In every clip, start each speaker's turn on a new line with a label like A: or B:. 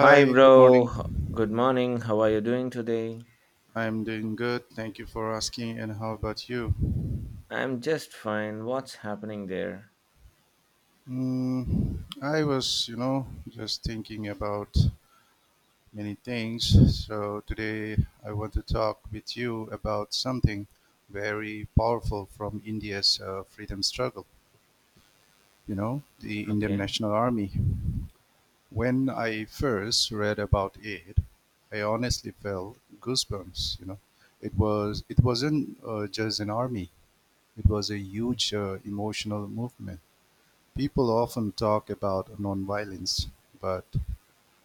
A: Hi,
B: good
A: bro.
B: morning.
A: Good morning. How are you doing today?
B: I'm doing good. Thank you for asking. And how about you?
A: I'm just fine. What's happening there?
B: I was, just thinking about many things. So today I want to talk with you about something very powerful from India's freedom struggle, you know, the Indian
A: Okay.
B: National Army. When I first read about it, I honestly felt goosebumps, you know. It wasn't just an army. It was a huge emotional movement. People often talk about nonviolence, but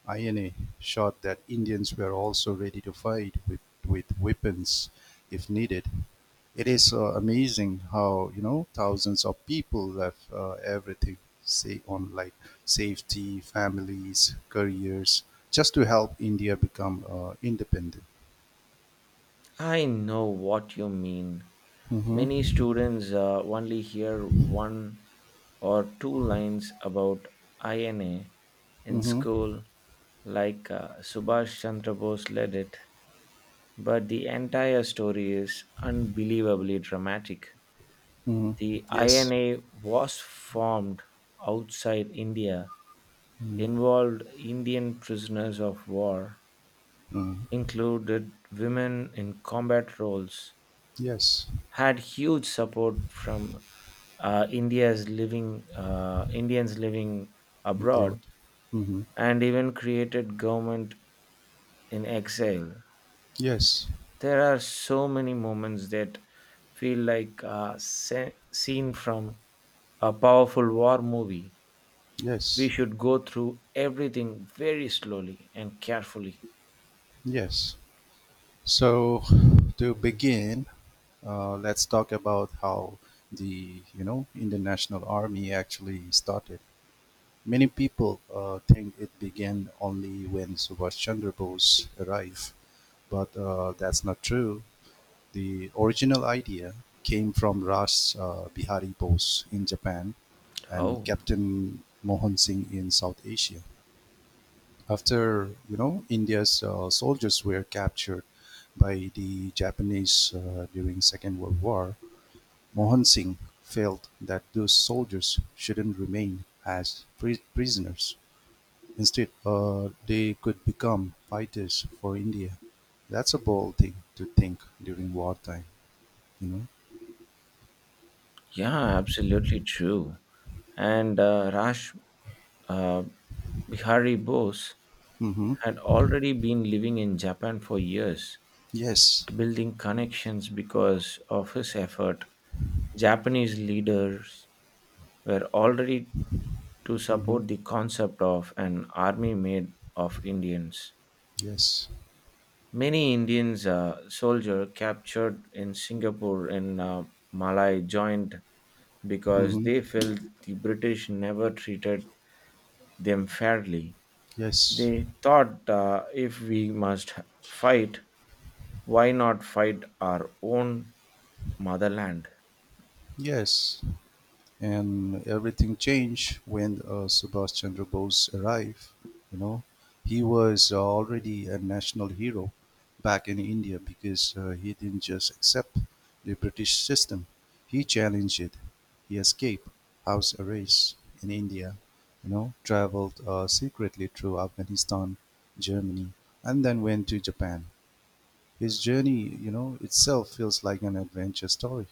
B: INA showed that Indians were also ready to fight with weapons if needed. It is amazing how, you know, thousands of people left everything, say on like safety, families, careers, just to help India become independent.
A: I know what you mean. Many
B: Mm-hmm.
A: students only hear one or two lines about INA in
B: Mm-hmm.
A: school, like Subhash Chandra Bose led it, but the entire story is unbelievably dramatic.
B: Mm-hmm.
A: The
B: Yes.
A: INA was formed outside India,
B: Mm-hmm.
A: involved Indian prisoners of war, included women in combat roles,
B: Yes.
A: had huge support from India's living Indians living
B: Broad.
A: abroad,
B: hmm
A: and even created government in exile.
B: Yes,
A: There are so many moments that feel like a scene from a powerful war movie. We
B: yes,
A: should go through everything very slowly and carefully.
B: yes. So to begin, let's talk about how the international army actually started. Many people think it began only when Subhash Chandra Bose arrived, but that's not true. The original idea came from Ras Bihari Bose in Japan and
A: Oh.
B: Captain Mohan Singh in South Asia. After, you know, India's soldiers were captured by the Japanese during Second World War, Mohan Singh felt that those soldiers shouldn't remain as prisoners. Instead, they could become fighters for India. That's a bold thing to think during wartime, you know.
A: Yeah, absolutely true. And Raj uh, Bihari Bose
B: Mm-hmm.
A: had already been living in Japan for years,
B: Yes.
A: building connections because of his effort. Japanese leaders were already to
B: Mm-hmm.
A: support the concept of an army made of Indians.
B: Yes.
A: Many Indians soldiers captured in Singapore and Malay joined because
B: Mm-hmm.
A: they felt the British never treated them fairly.
B: Yes.
A: They thought if we must fight, why not fight our own motherland?
B: Yes. And everything changed when Subhash Chandra Bose arrived. You know, he was already a national hero back in India because he didn't just accept the British system; he challenged it. He escaped house arrest in India. You know, traveled secretly through Afghanistan, Germany, and then went to Japan. His journey, you know, itself feels like an adventure story.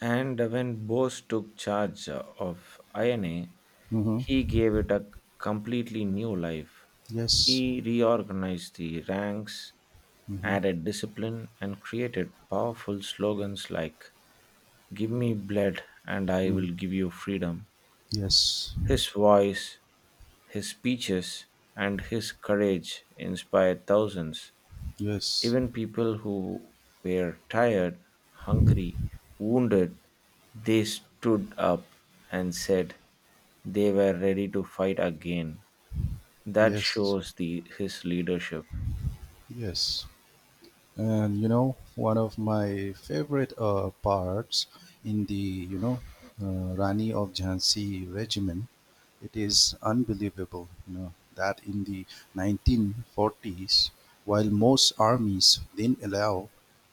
A: And when Bose took charge of INA,
B: hmm
A: he gave it a completely new life.
B: Yes.
A: He reorganized the ranks,
B: hmm
A: added discipline, and created powerful slogans like "Give me blood and I
B: hmm.
A: will give you freedom."
B: Yes,
A: His voice His speeches and his courage inspired thousands,
B: yes,
A: even people who were tired, hungry, wounded. They stood up and said they were ready to fight again. That
B: yes,
A: shows his leadership.
B: yes. And, you know, one of my favorite parts in the, Rani of Jhansi regimen, it is unbelievable, you know, that in the 1940s, while most armies didn't allow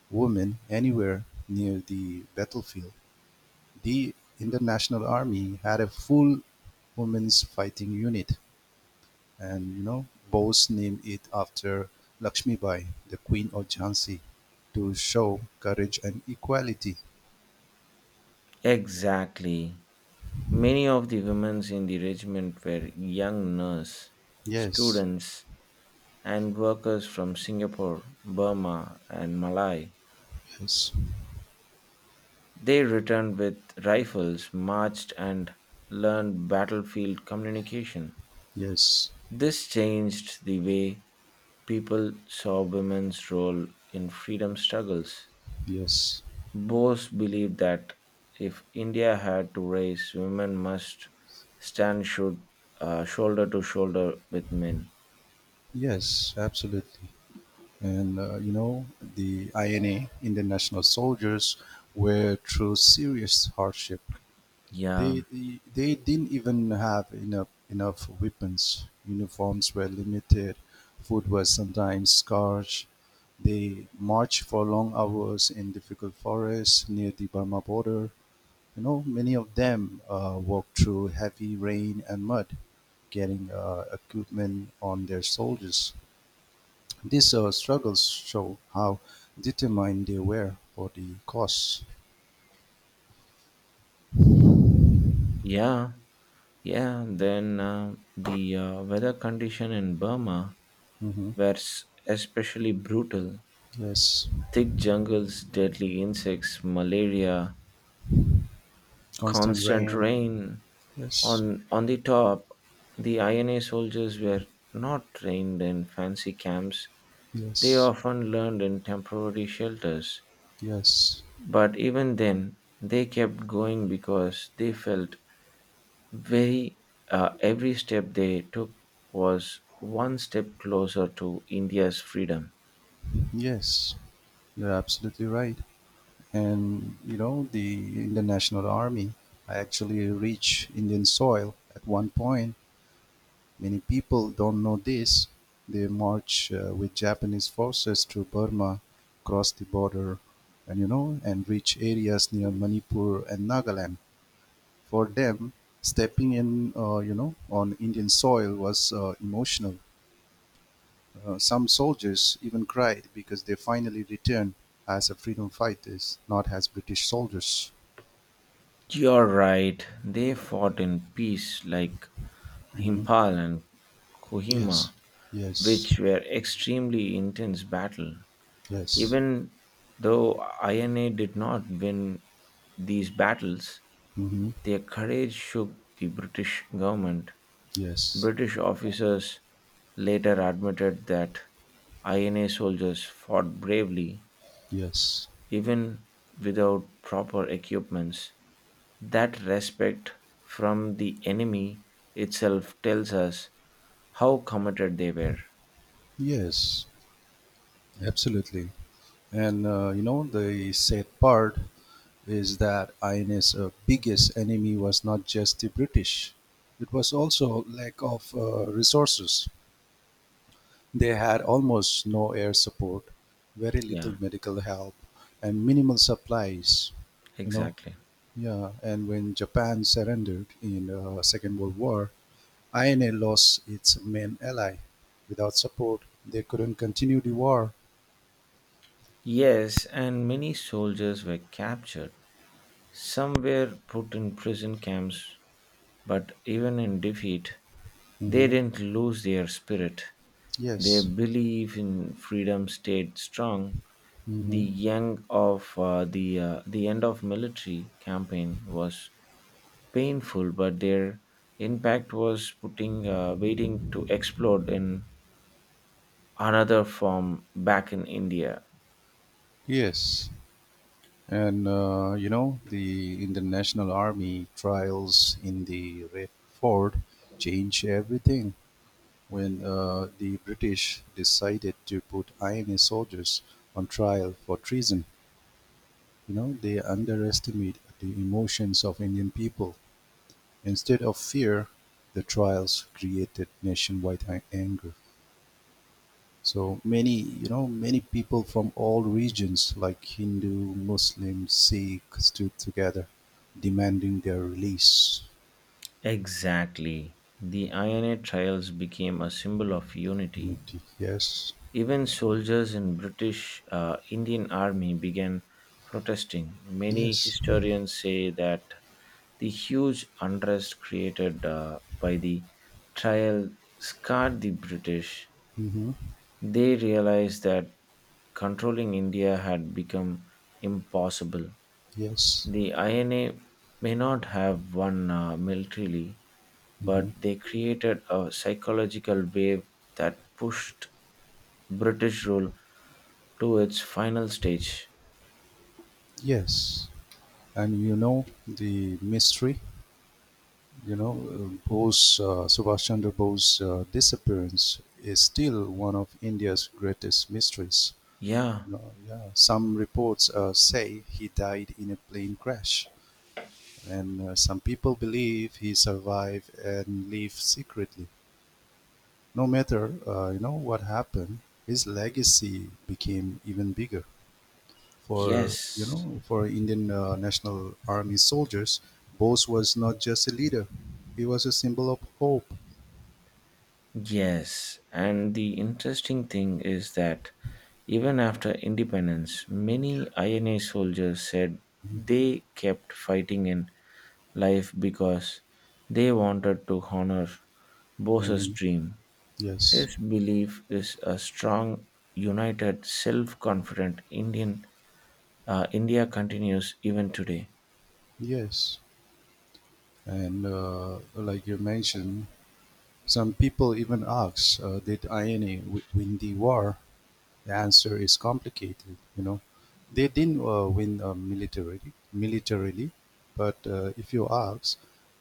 B: women anywhere near the battlefield, the International Army had a full women's fighting unit. And, you know, Bose named it after Lakshmi Bai, the Queen of Jhansi, to show courage and equality.
A: Exactly. Many of the women in the regiment were young nurses,
B: Yes,
A: students, and workers from Singapore, Burma, and Malay.
B: yes,
A: They returned with rifles, marched, and learned battlefield communication.
B: yes,
A: This changed the way people saw women's role in freedom struggles.
B: yes,
A: Bose believed that if India had to raise, women must stand shoulder to shoulder with men.
B: yes, absolutely. And you know, the INA, Indian National Soldiers, were through serious hardship.
A: Yeah,
B: They didn't even have enough weapons, uniforms were limited, food was sometimes scarce. They marched for long hours in difficult forests near the Burma border. You know, many of them walked through heavy rain and mud, getting equipment on their soldiers. These struggles show how determined they were for the cause.
A: yeah, yeah. Then the weather condition in Burma
B: hmm
A: were especially brutal.
B: Yes,
A: Thick jungles, deadly insects, malaria,
B: constant
A: constant
B: rain.
A: rain.
B: Yes,
A: On the top, the INA soldiers were not trained in fancy camps. They
B: yes.
A: often learned in temporary shelters.
B: Yes,
A: But even then, they kept going because they felt very every step they took was one step closer to India's freedom.
B: yes, you're absolutely right. And you know, the in national army actually reached Indian soil at one point. Many people don't know this. They march with Japanese forces through Burma, cross the border, and, you know, and reach areas near Manipur and Nagaland. For them, stepping in, you know, on Indian soil was emotional. Some soldiers even cried because they finally returned as a freedom fighters, not as British soldiers.
A: You're right. They fought in peace like
B: hmm
A: Himpal and
B: Yes,
A: Kohima,
B: yes,
A: which were extremely intense battle.
B: yes,
A: Even though INA did not win these battles,
B: hmm
A: their courage shook the British government.
B: yes,
A: British officers later admitted that INA soldiers fought bravely
B: yes,
A: even without proper equipments. That respect from the enemy itself tells us how committed they were.
B: yes, absolutely. And you know, the sad part is that INS biggest enemy was not just the British; it was also lack of resources. They had almost no air support, very little
A: Yeah,
B: medical help, and minimal supplies. You know,
A: exactly.
B: yeah. And when Japan surrendered in Second World War, INA lost its main ally. Without support, they couldn't continue the war.
A: Yes, and many soldiers were captured. Some were put in prison camps, but even in defeat, they
B: hmm
A: didn't lose their spirit. Their
B: Yes.
A: belief in freedom stayed strong. The
B: hmm
A: young of the end of military campaign was painful, but their impact was putting waiting to explode in another form back in India.
B: Yes. And you know, the International Army trials in the Red Fort changed everything. When the British decided to put Ainu soldiers on trial for treason. You know, they underestimated the emotions of Indian people. Instead of fear, the trials created nationwide anger. So many, you know, many people from all regions, like Hindu, Muslim, Sikh, stood together, demanding their release.
A: Exactly. The INA trials became a symbol of unity.
B: Unity. Yes.
A: Even soldiers in British Indian Army began protesting. Many
B: Yes.
A: historians say that the huge unrest created by the trial scarred the British.
B: hmm
A: They realized that controlling India had become impossible.
B: Yes.
A: The INA may not have won militarily, but
B: hmm
A: they created a psychological wave that pushed British rule to its final stage.
B: Yes. And you know the mystery, you know, Bose Subhash Chandra Bose's disappearance is still one of India's greatest mysteries,
A: Yeah,
B: you know, yeah. Some reports say he died in a plane crash and some people believe he survived and lived secretly. No matter, you know, what happened, his legacy became even bigger for, you
A: yes,
B: know, for Indian National Army soldiers. Bose was not just a leader; he was a symbol of hope.
A: yes. And the interesting thing is that even after independence, many INA soldiers said they kept fighting in life because they wanted to honor Bose's
B: hmm
A: dream.
B: Yes,
A: His belief is a strong, united, self confident Indian India continues even today.
B: yes, and like you mentioned, some people even ask, "Did INA win the war?" The answer is complicated. You know, they didn't win militarily, but if you ask,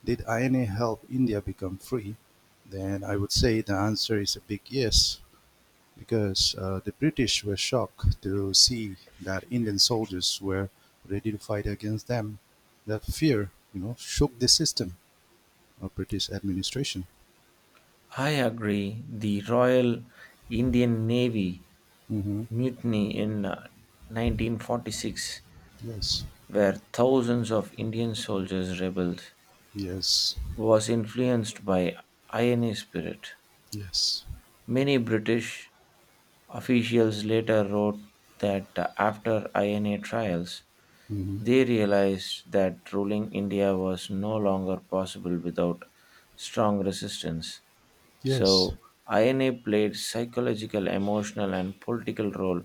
B: "Did INA help India become free?" then I would say the answer is a big yes. Because the British were shocked to see that Indian soldiers were ready to fight against them. That fear, you know, shook the system of British administration.
A: I agree. The Royal Indian Navy
B: hmm
A: mutiny in 1946,
B: Yes,
A: where thousands of Indian soldiers rebelled,
B: yes,
A: was influenced by INA spirit.
B: yes,
A: Many British officials later wrote that after INA trials,
B: hmm
A: they realized that ruling India was no longer possible without strong resistance.
B: yes,
A: So, INA played psychological, emotional, and political role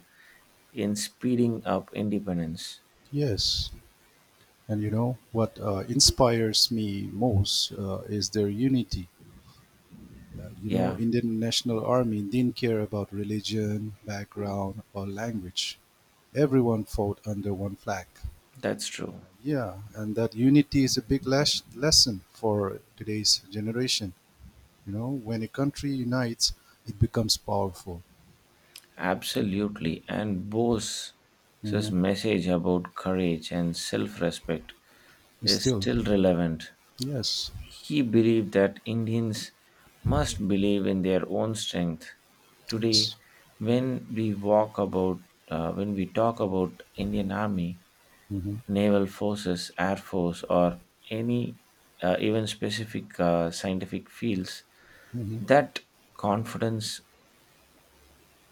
A: in speeding up independence.
B: yes. And you know what inspires me most is their unity. You know,
A: Yeah,
B: Indian National Army didn't care about religion, background, or language. Everyone fought under one flag.
A: that's true.
B: Yeah, and that unity is a big lesson for today's generation. You know, when a country unites, it becomes powerful.
A: Absolutely. And Bose's
B: hmm
A: message about courage and self respect is
B: Still,
A: still relevant.
B: yes,
A: He believed that Indians must believe in their own strength. Today,
B: yes,
A: when we walk about, when we talk about Indian Army,
B: hmm
A: naval forces, air force, or any even specific scientific fields,
B: hmm.
A: that confidence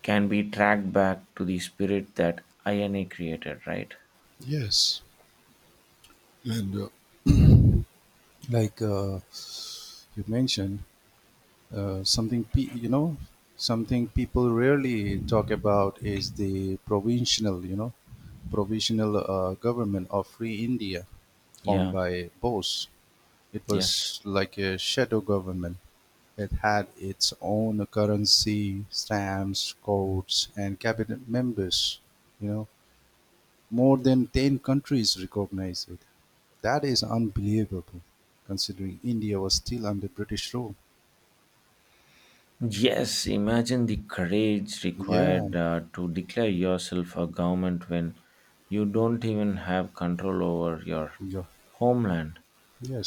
A: can be tracked back to the spirit that INA created, right?
B: Yes, and like you mentioned, you know, something people rarely talk about is the provisional government of Free India, formed
A: Yeah,
B: by Bose. It
A: yes.
B: was like a shadow government; it had its own currency, stamps, codes, and cabinet members. You know, more than 10 countries recognized it. That is unbelievable, considering India was still under British rule.
A: Yes, imagine the courage
B: Yeah,
A: required to declare yourself a government when you don't even have control over your
B: yeah,
A: homeland.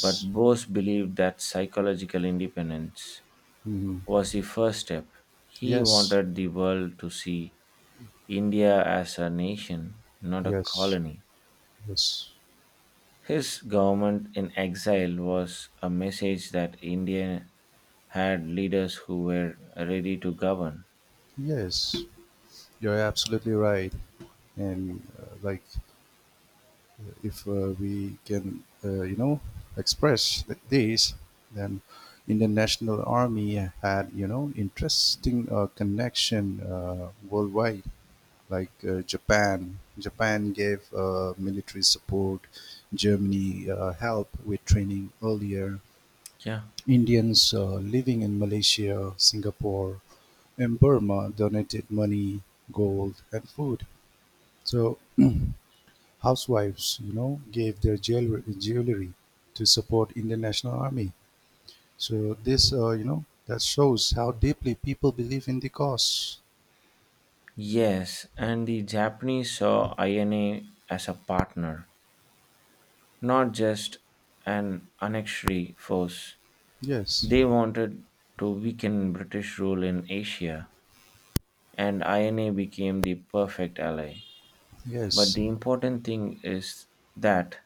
A: But Bose believed that psychological independence
B: mhm,
A: was the first step. He
B: yes,
A: wanted the world to see India as a nation, not a
B: yes,
A: colony.
B: yes,
A: His government in exile was a message that India had leaders who were ready to govern.
B: yes. You're absolutely right. And like if we can, you know, express this, then Indian National Army had, you know, interesting connection worldwide, like Japan. Japan gave military support. Germany help with training earlier.
A: Yeah.
B: Indians living in Malaysia, Singapore, and Burma donated money, gold, and food. So housewives, you know, gave their jewelry to support international army. So this, you know, that shows how deeply people believe in the cause.
A: Yes, and the Japanese saw INA as a partner, not just an annexatory force.
B: Yes,
A: They wanted to weaken British rule in Asia, and INA became the perfect ally. But
B: yes,
A: the important thing is that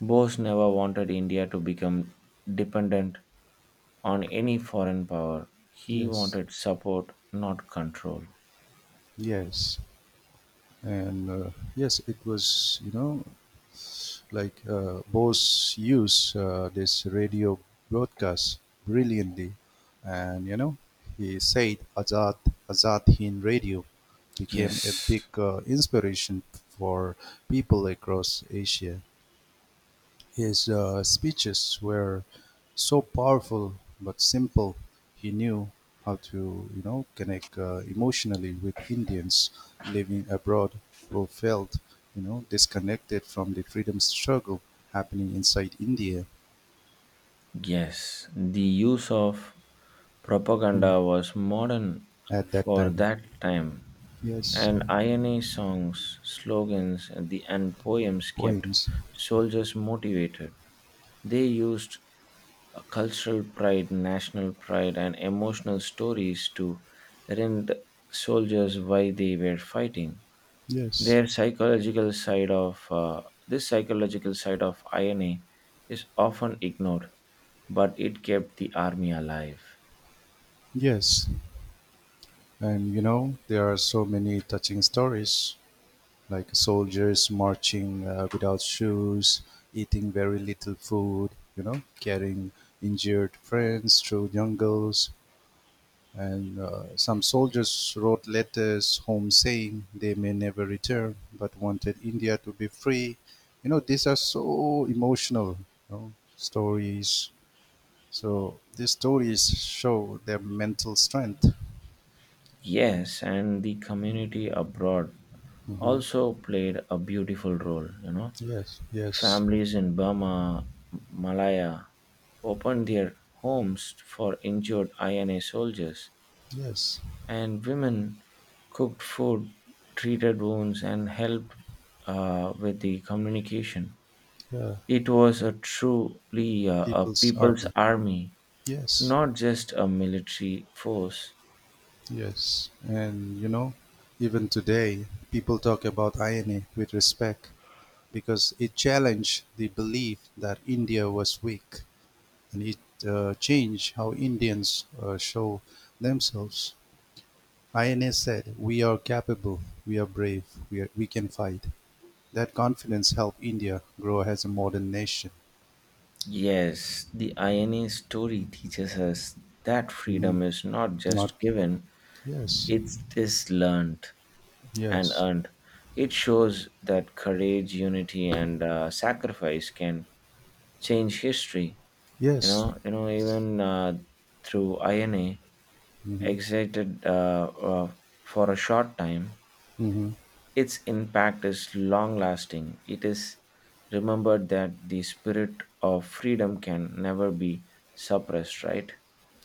A: Bose never wanted India to become dependent on any foreign power. He
B: yes,
A: wanted support, not control.
B: yes, and yes, it was, you know, like Bose used this radio broadcast brilliantly, and you know he said Azad Hind Radio became a big
A: Yes,
B: inspiration for people across Asia. His speeches were so powerful but simple. He knew how to, you know, connect emotionally with Indians living abroad who felt, you know, disconnected from the freedom struggle happening inside India.
A: yes. The use of
B: mm,
A: propaganda was modern
B: at that
A: for
B: time.
A: that time,
B: Yes,
A: and INA songs, slogans, and poems kept
B: poems.
A: soldiers motivated. They used cultural pride, national pride, and emotional stories to remind soldiers why they were fighting.
B: Yes,
A: Their psychological side of This psychological side of INA is often ignored, but it kept the army alive.
B: yes, and you know, there are so many touching stories like soldiers marching without shoes, eating very little food, you know, carrying injured friends through jungles. And some soldiers wrote letters home saying they may never return but wanted India to be free. You know, these are so emotional, you know, stories. So these stories show their mental strength.
A: Yes, and the community abroad
B: hmm
A: also played a beautiful role, you know.
B: Yes, yes,
A: Families in Burma, Malaya opened their homes for injured INA soldiers,
B: yes.
A: and women cooked food, treated wounds, and helped with the communication.
B: Yeah.
A: It was a truly a
B: People's
A: people's
B: Army.
A: army,
B: Yes.
A: not just a military force.
B: Yes, and you know, even today, people talk about INA with respect because it challenged the belief that India was weak, and it changed how Indians show themselves. INA said, We are capable, we are brave, we can fight. That confidence helped India grow as a modern nation.
A: Yes, the INA story teaches us that
B: Hmm
A: freedom is not
B: Not,
A: just given,
B: yes,
A: it is learned and
B: yes,
A: earned. It shows that courage, unity, and sacrifice can change history. You
B: yes.
A: know, you know, even uh, through INA,
B: hmm
A: exited for a short time,
B: hmm.
A: its impact is long-lasting. It is remembered that the spirit of freedom can never be suppressed, right?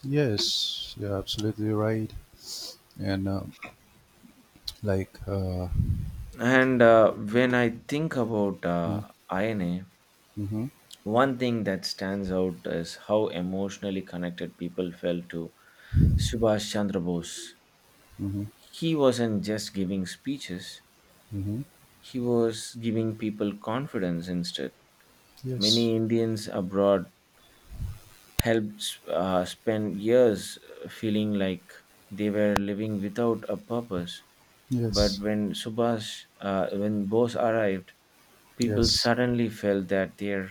B: Yes, you're absolutely right. And Like, uh,
A: And when I think about
B: mm,
A: INA,
B: mhm,
A: one thing that stands out is how emotionally connected people felt to Subhash Chandra Bose.
B: mhm,
A: He wasn't just giving speeches,
B: mhm.
A: he was giving people confidence instead.
B: Yes,
A: Many Indians abroad helped spend years feeling like they were living without a purpose. But
B: yes,
A: when Bose arrived, people
B: yes,
A: suddenly felt that their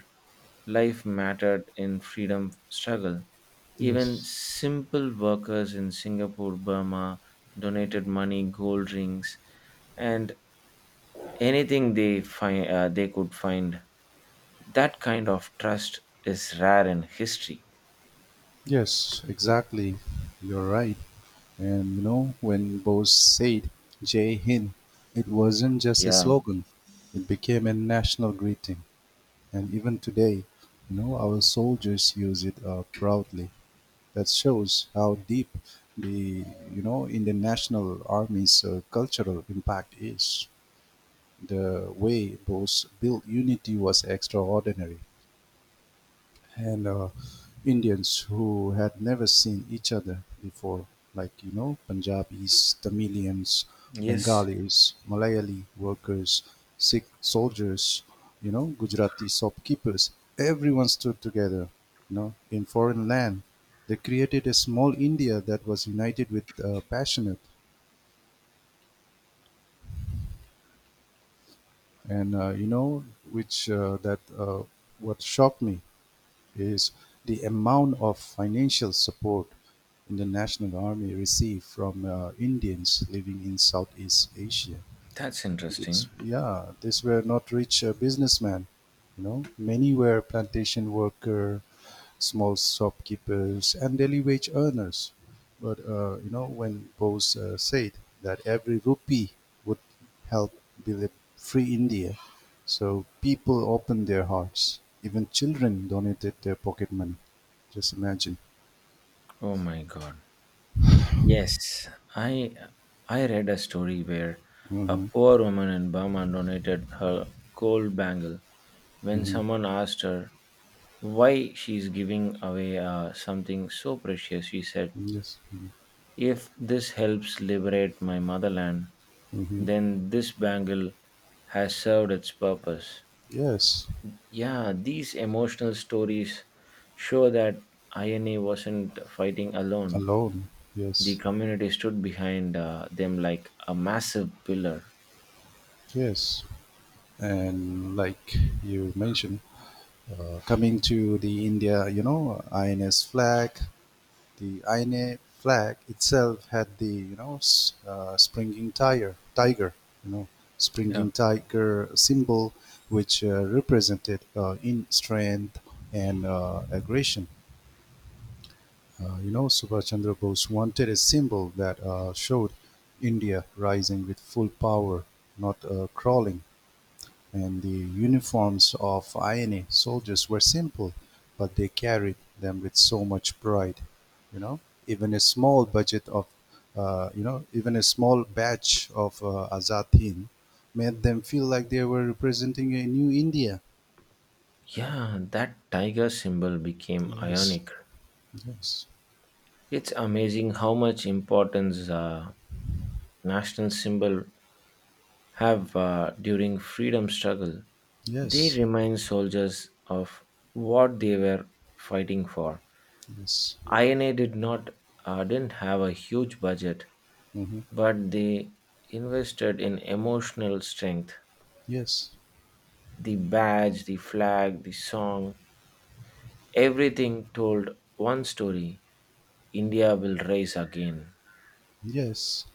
A: life mattered in freedom struggle. Even
B: yes,
A: simple workers in Singapore, Burma donated money, gold rings, and anything they find they could find. That kind of trust is rare in history.
B: yes, exactly. You're right. And you know, when Bose said Jai Hind, it wasn't just a
A: Yeah.
B: slogan, it became a national greeting. And even today, you know, our soldiers use it proudly. That shows how deep the, you know, in the national army's cultural impact is. The way Bose built Unity was extraordinary, and Indians who had never seen each other before, like, you know, Punjabis, Tamilians,
A: Yes.
B: Bengalis, Malayali workers, Sikh soldiers, you know, Gujarati shopkeepers, everyone stood together, you know, in foreign land. They created a small India that was united with passionate, and you know, which that what shocked me is the amount of financial support in the national army received from Indians living in Southeast Asia.
A: That's
B: It's,
A: interesting.
B: yeah, these were not rich businessmen. You know, many were plantation worker, small shopkeepers and daily wage earners. But you know, when Bose said that every rupee would help build a free India, so people opened their hearts. Even children donated their pocket money. Just imagine.
A: Oh my god. Yes, I I read a story where a
B: Mm-hmm.
A: poor woman in Burma donated her gold bangle when
B: Mm-hmm.
A: someone asked her why she's giving away something so precious. She said,
B: Yes.
A: "If this helps liberate my motherland,
B: Mm-hmm.
A: then this bangle has served its purpose."
B: Yes.
A: Yeah, these emotional stories show that INA wasn't fighting alone.
B: Alone.
A: The
B: Yes.
A: community stood behind them like a massive pillar.
B: Yes. And like you mentioned, coming to the India, you know, INS flag. The INA flag itself had the, you know, uh, springing tiger, tiger, you know,
A: Yeah.
B: springing tiger symbol, which represented in strength and aggression. You know, Subhash Chandra Bose wanted a symbol that showed India rising with full power, not crawling, and the uniforms of INA soldiers were simple, but they carried them with so much pride. You know, even a small budget of, even a small batch of Azatin made them feel like they were representing a new India.
A: Yeah, that tiger symbol became
B: Yes,
A: ionic.
B: yes,
A: It's amazing how much importance national symbol have during freedom struggle. They
B: yes,
A: remind soldiers of what they were fighting for.
B: yes,
A: INA did not didn't have a huge budget,
B: hmm
A: but they invested in emotional strength.
B: yes.
A: The badge, the flag, the song, everything told one story: India will rise again.
B: Yes,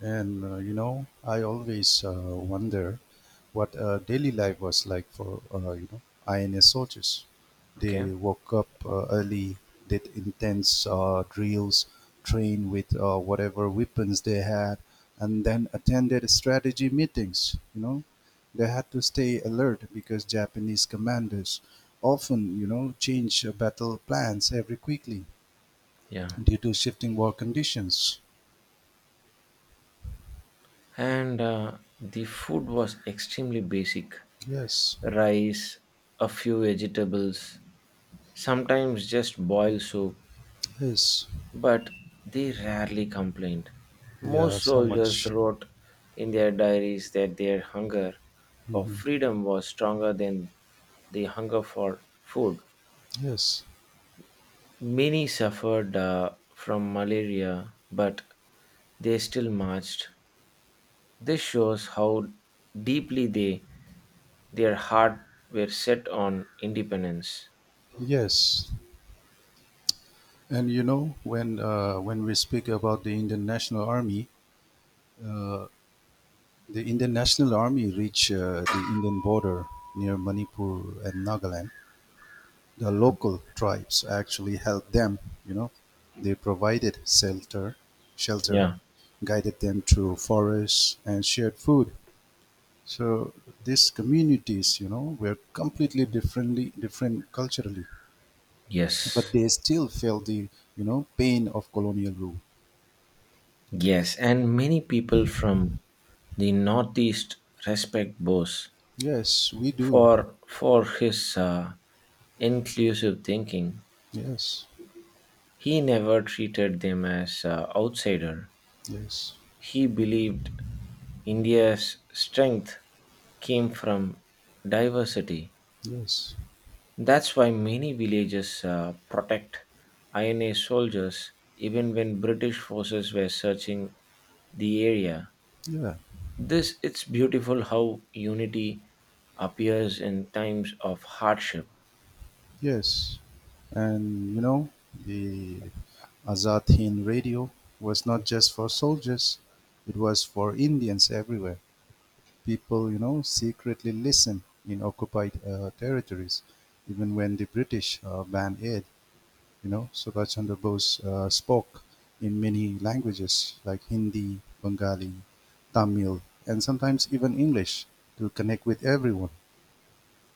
B: and you know, I always wonder what daily life was like for, you know, INS soldiers. They
A: Okay.
B: woke up early, did intense drills, trained with whatever weapons they had, and then attended strategy meetings. You know, they had to stay alert because Japanese commanders often, you know, change battle plans every quickly
A: Yeah.
B: due to shifting war conditions.
A: And the food was extremely basic:
B: Yes.
A: rice, a few vegetables, sometimes just boiled soup,
B: Yes,
A: but they rarely complained.
B: yeah,
A: Most
B: so
A: soldiers
B: much.
A: wrote in their diaries that their hunger for
B: hmm
A: freedom was stronger than the hunger for food.
B: Yes,
A: Many suffered from malaria, but they still marched. This shows how deeply they their heart were set on independence.
B: yes, and you know when we speak about the Indian National Army, uh, the Indian National Army reached the Indian border near Manipur and Nagaland. The local tribes actually helped them. You know, they provided shelter,
A: Yeah.
B: guided them through forests, and shared food. So these communities, you know, were completely differently different culturally, but
A: Yes.
B: they still feel the, you know, pain of colonial rule.
A: Yes, and many people from the Northeast respect Bose
B: Yes, we do.
A: for his inclusive thinking.
B: Yes,
A: He never treated them as outsider.
B: yes,
A: He believed India's strength came from diversity.
B: yes,
A: That's why many villages protect INA soldiers even when British forces were searching the area.
B: yeah,
A: This it's beautiful how unity appears in times of hardship.
B: yes. And you know the Azad Hind Radio was not just for soldiers, it was for Indians everywhere. People, you know, secretly listen in occupied territories, even when the British banned it. You know, Subhash Chandra Bose spoke in many languages like Hindi, Bengali, Tamil, and sometimes even English to connect with everyone.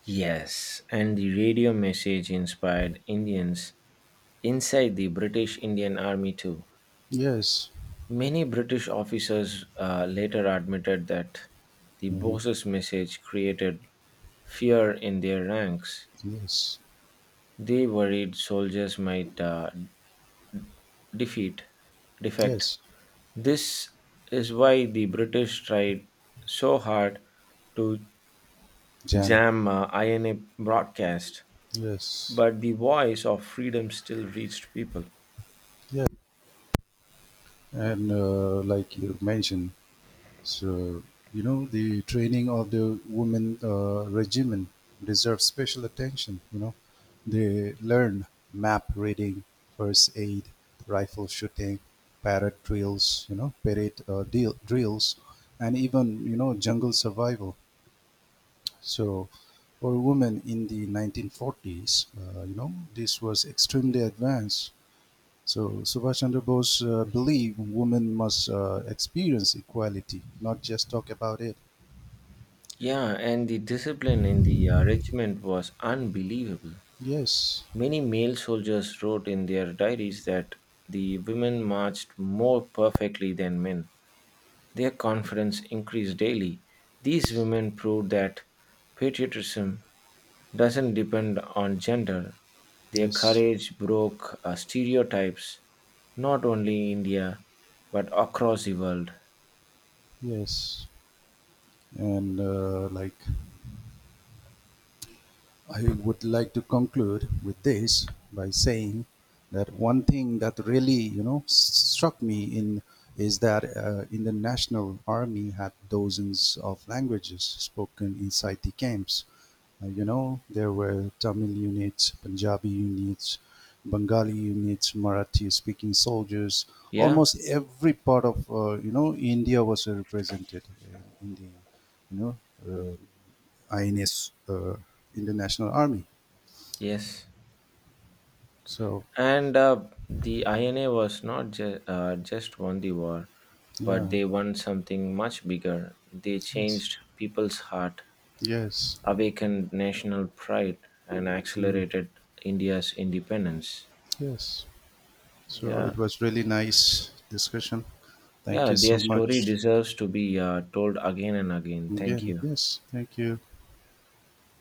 A: Yes, and the radio message inspired Indians inside the British Indian Army too.
B: Yes,
A: Many British officers later admitted that the
B: hmm
A: boss's message created fear in their ranks.
B: yes,
A: They worried soldiers might defeat, defect.
B: yes,
A: This is why the British tried so hard to
B: jam,
A: jam INA broadcast,
B: yes,
A: but the voice of freedom still reached people.
B: yes. And like you mentioned, so, you know, the training of the women regiment deserves special attention. You know, they learn map reading, first aid, rifle shooting, parrot drills, and even, you know, jungle survival. So, for women in the 1940s, you know, this was extremely advanced. So, Subhash Chandra Bose believed women must experience equality, not just talk about it.
A: Yeah, and the discipline in the regiment was unbelievable.
B: Yes,
A: Many male soldiers wrote in their diaries that the women marched more perfectly than men. Their confidence increased daily. These women proved that patriotism doesn't depend on gender. Their
B: yes,
A: courage broke stereotypes, not only in India, but across the world.
B: yes. And like, I would like to conclude with this by saying that one thing that really, you know, struck me in is that in the national army had dozens of languages spoken inside the camps. You know, there were Tamil units, Punjabi units, Bengali units, Marathi-speaking soldiers.
A: Yeah,
B: Almost every part of, you know, India was represented in the, you know, uh, INS, in the National Army.
A: yes.
B: So
A: And the INA was not just won the war, but
B: yeah,
A: they won something much bigger. They
B: yes,
A: changed people's heart,
B: yes,
A: awakened national pride, and
B: mm,
A: accelerated India's independence.
B: yes. So
A: Yeah,
B: it was really nice discussion. Thank
A: yeah,
B: you so
A: their story
B: much
A: deserves to be told again and again. Thank
B: again.
A: you.
B: Yes, thank you.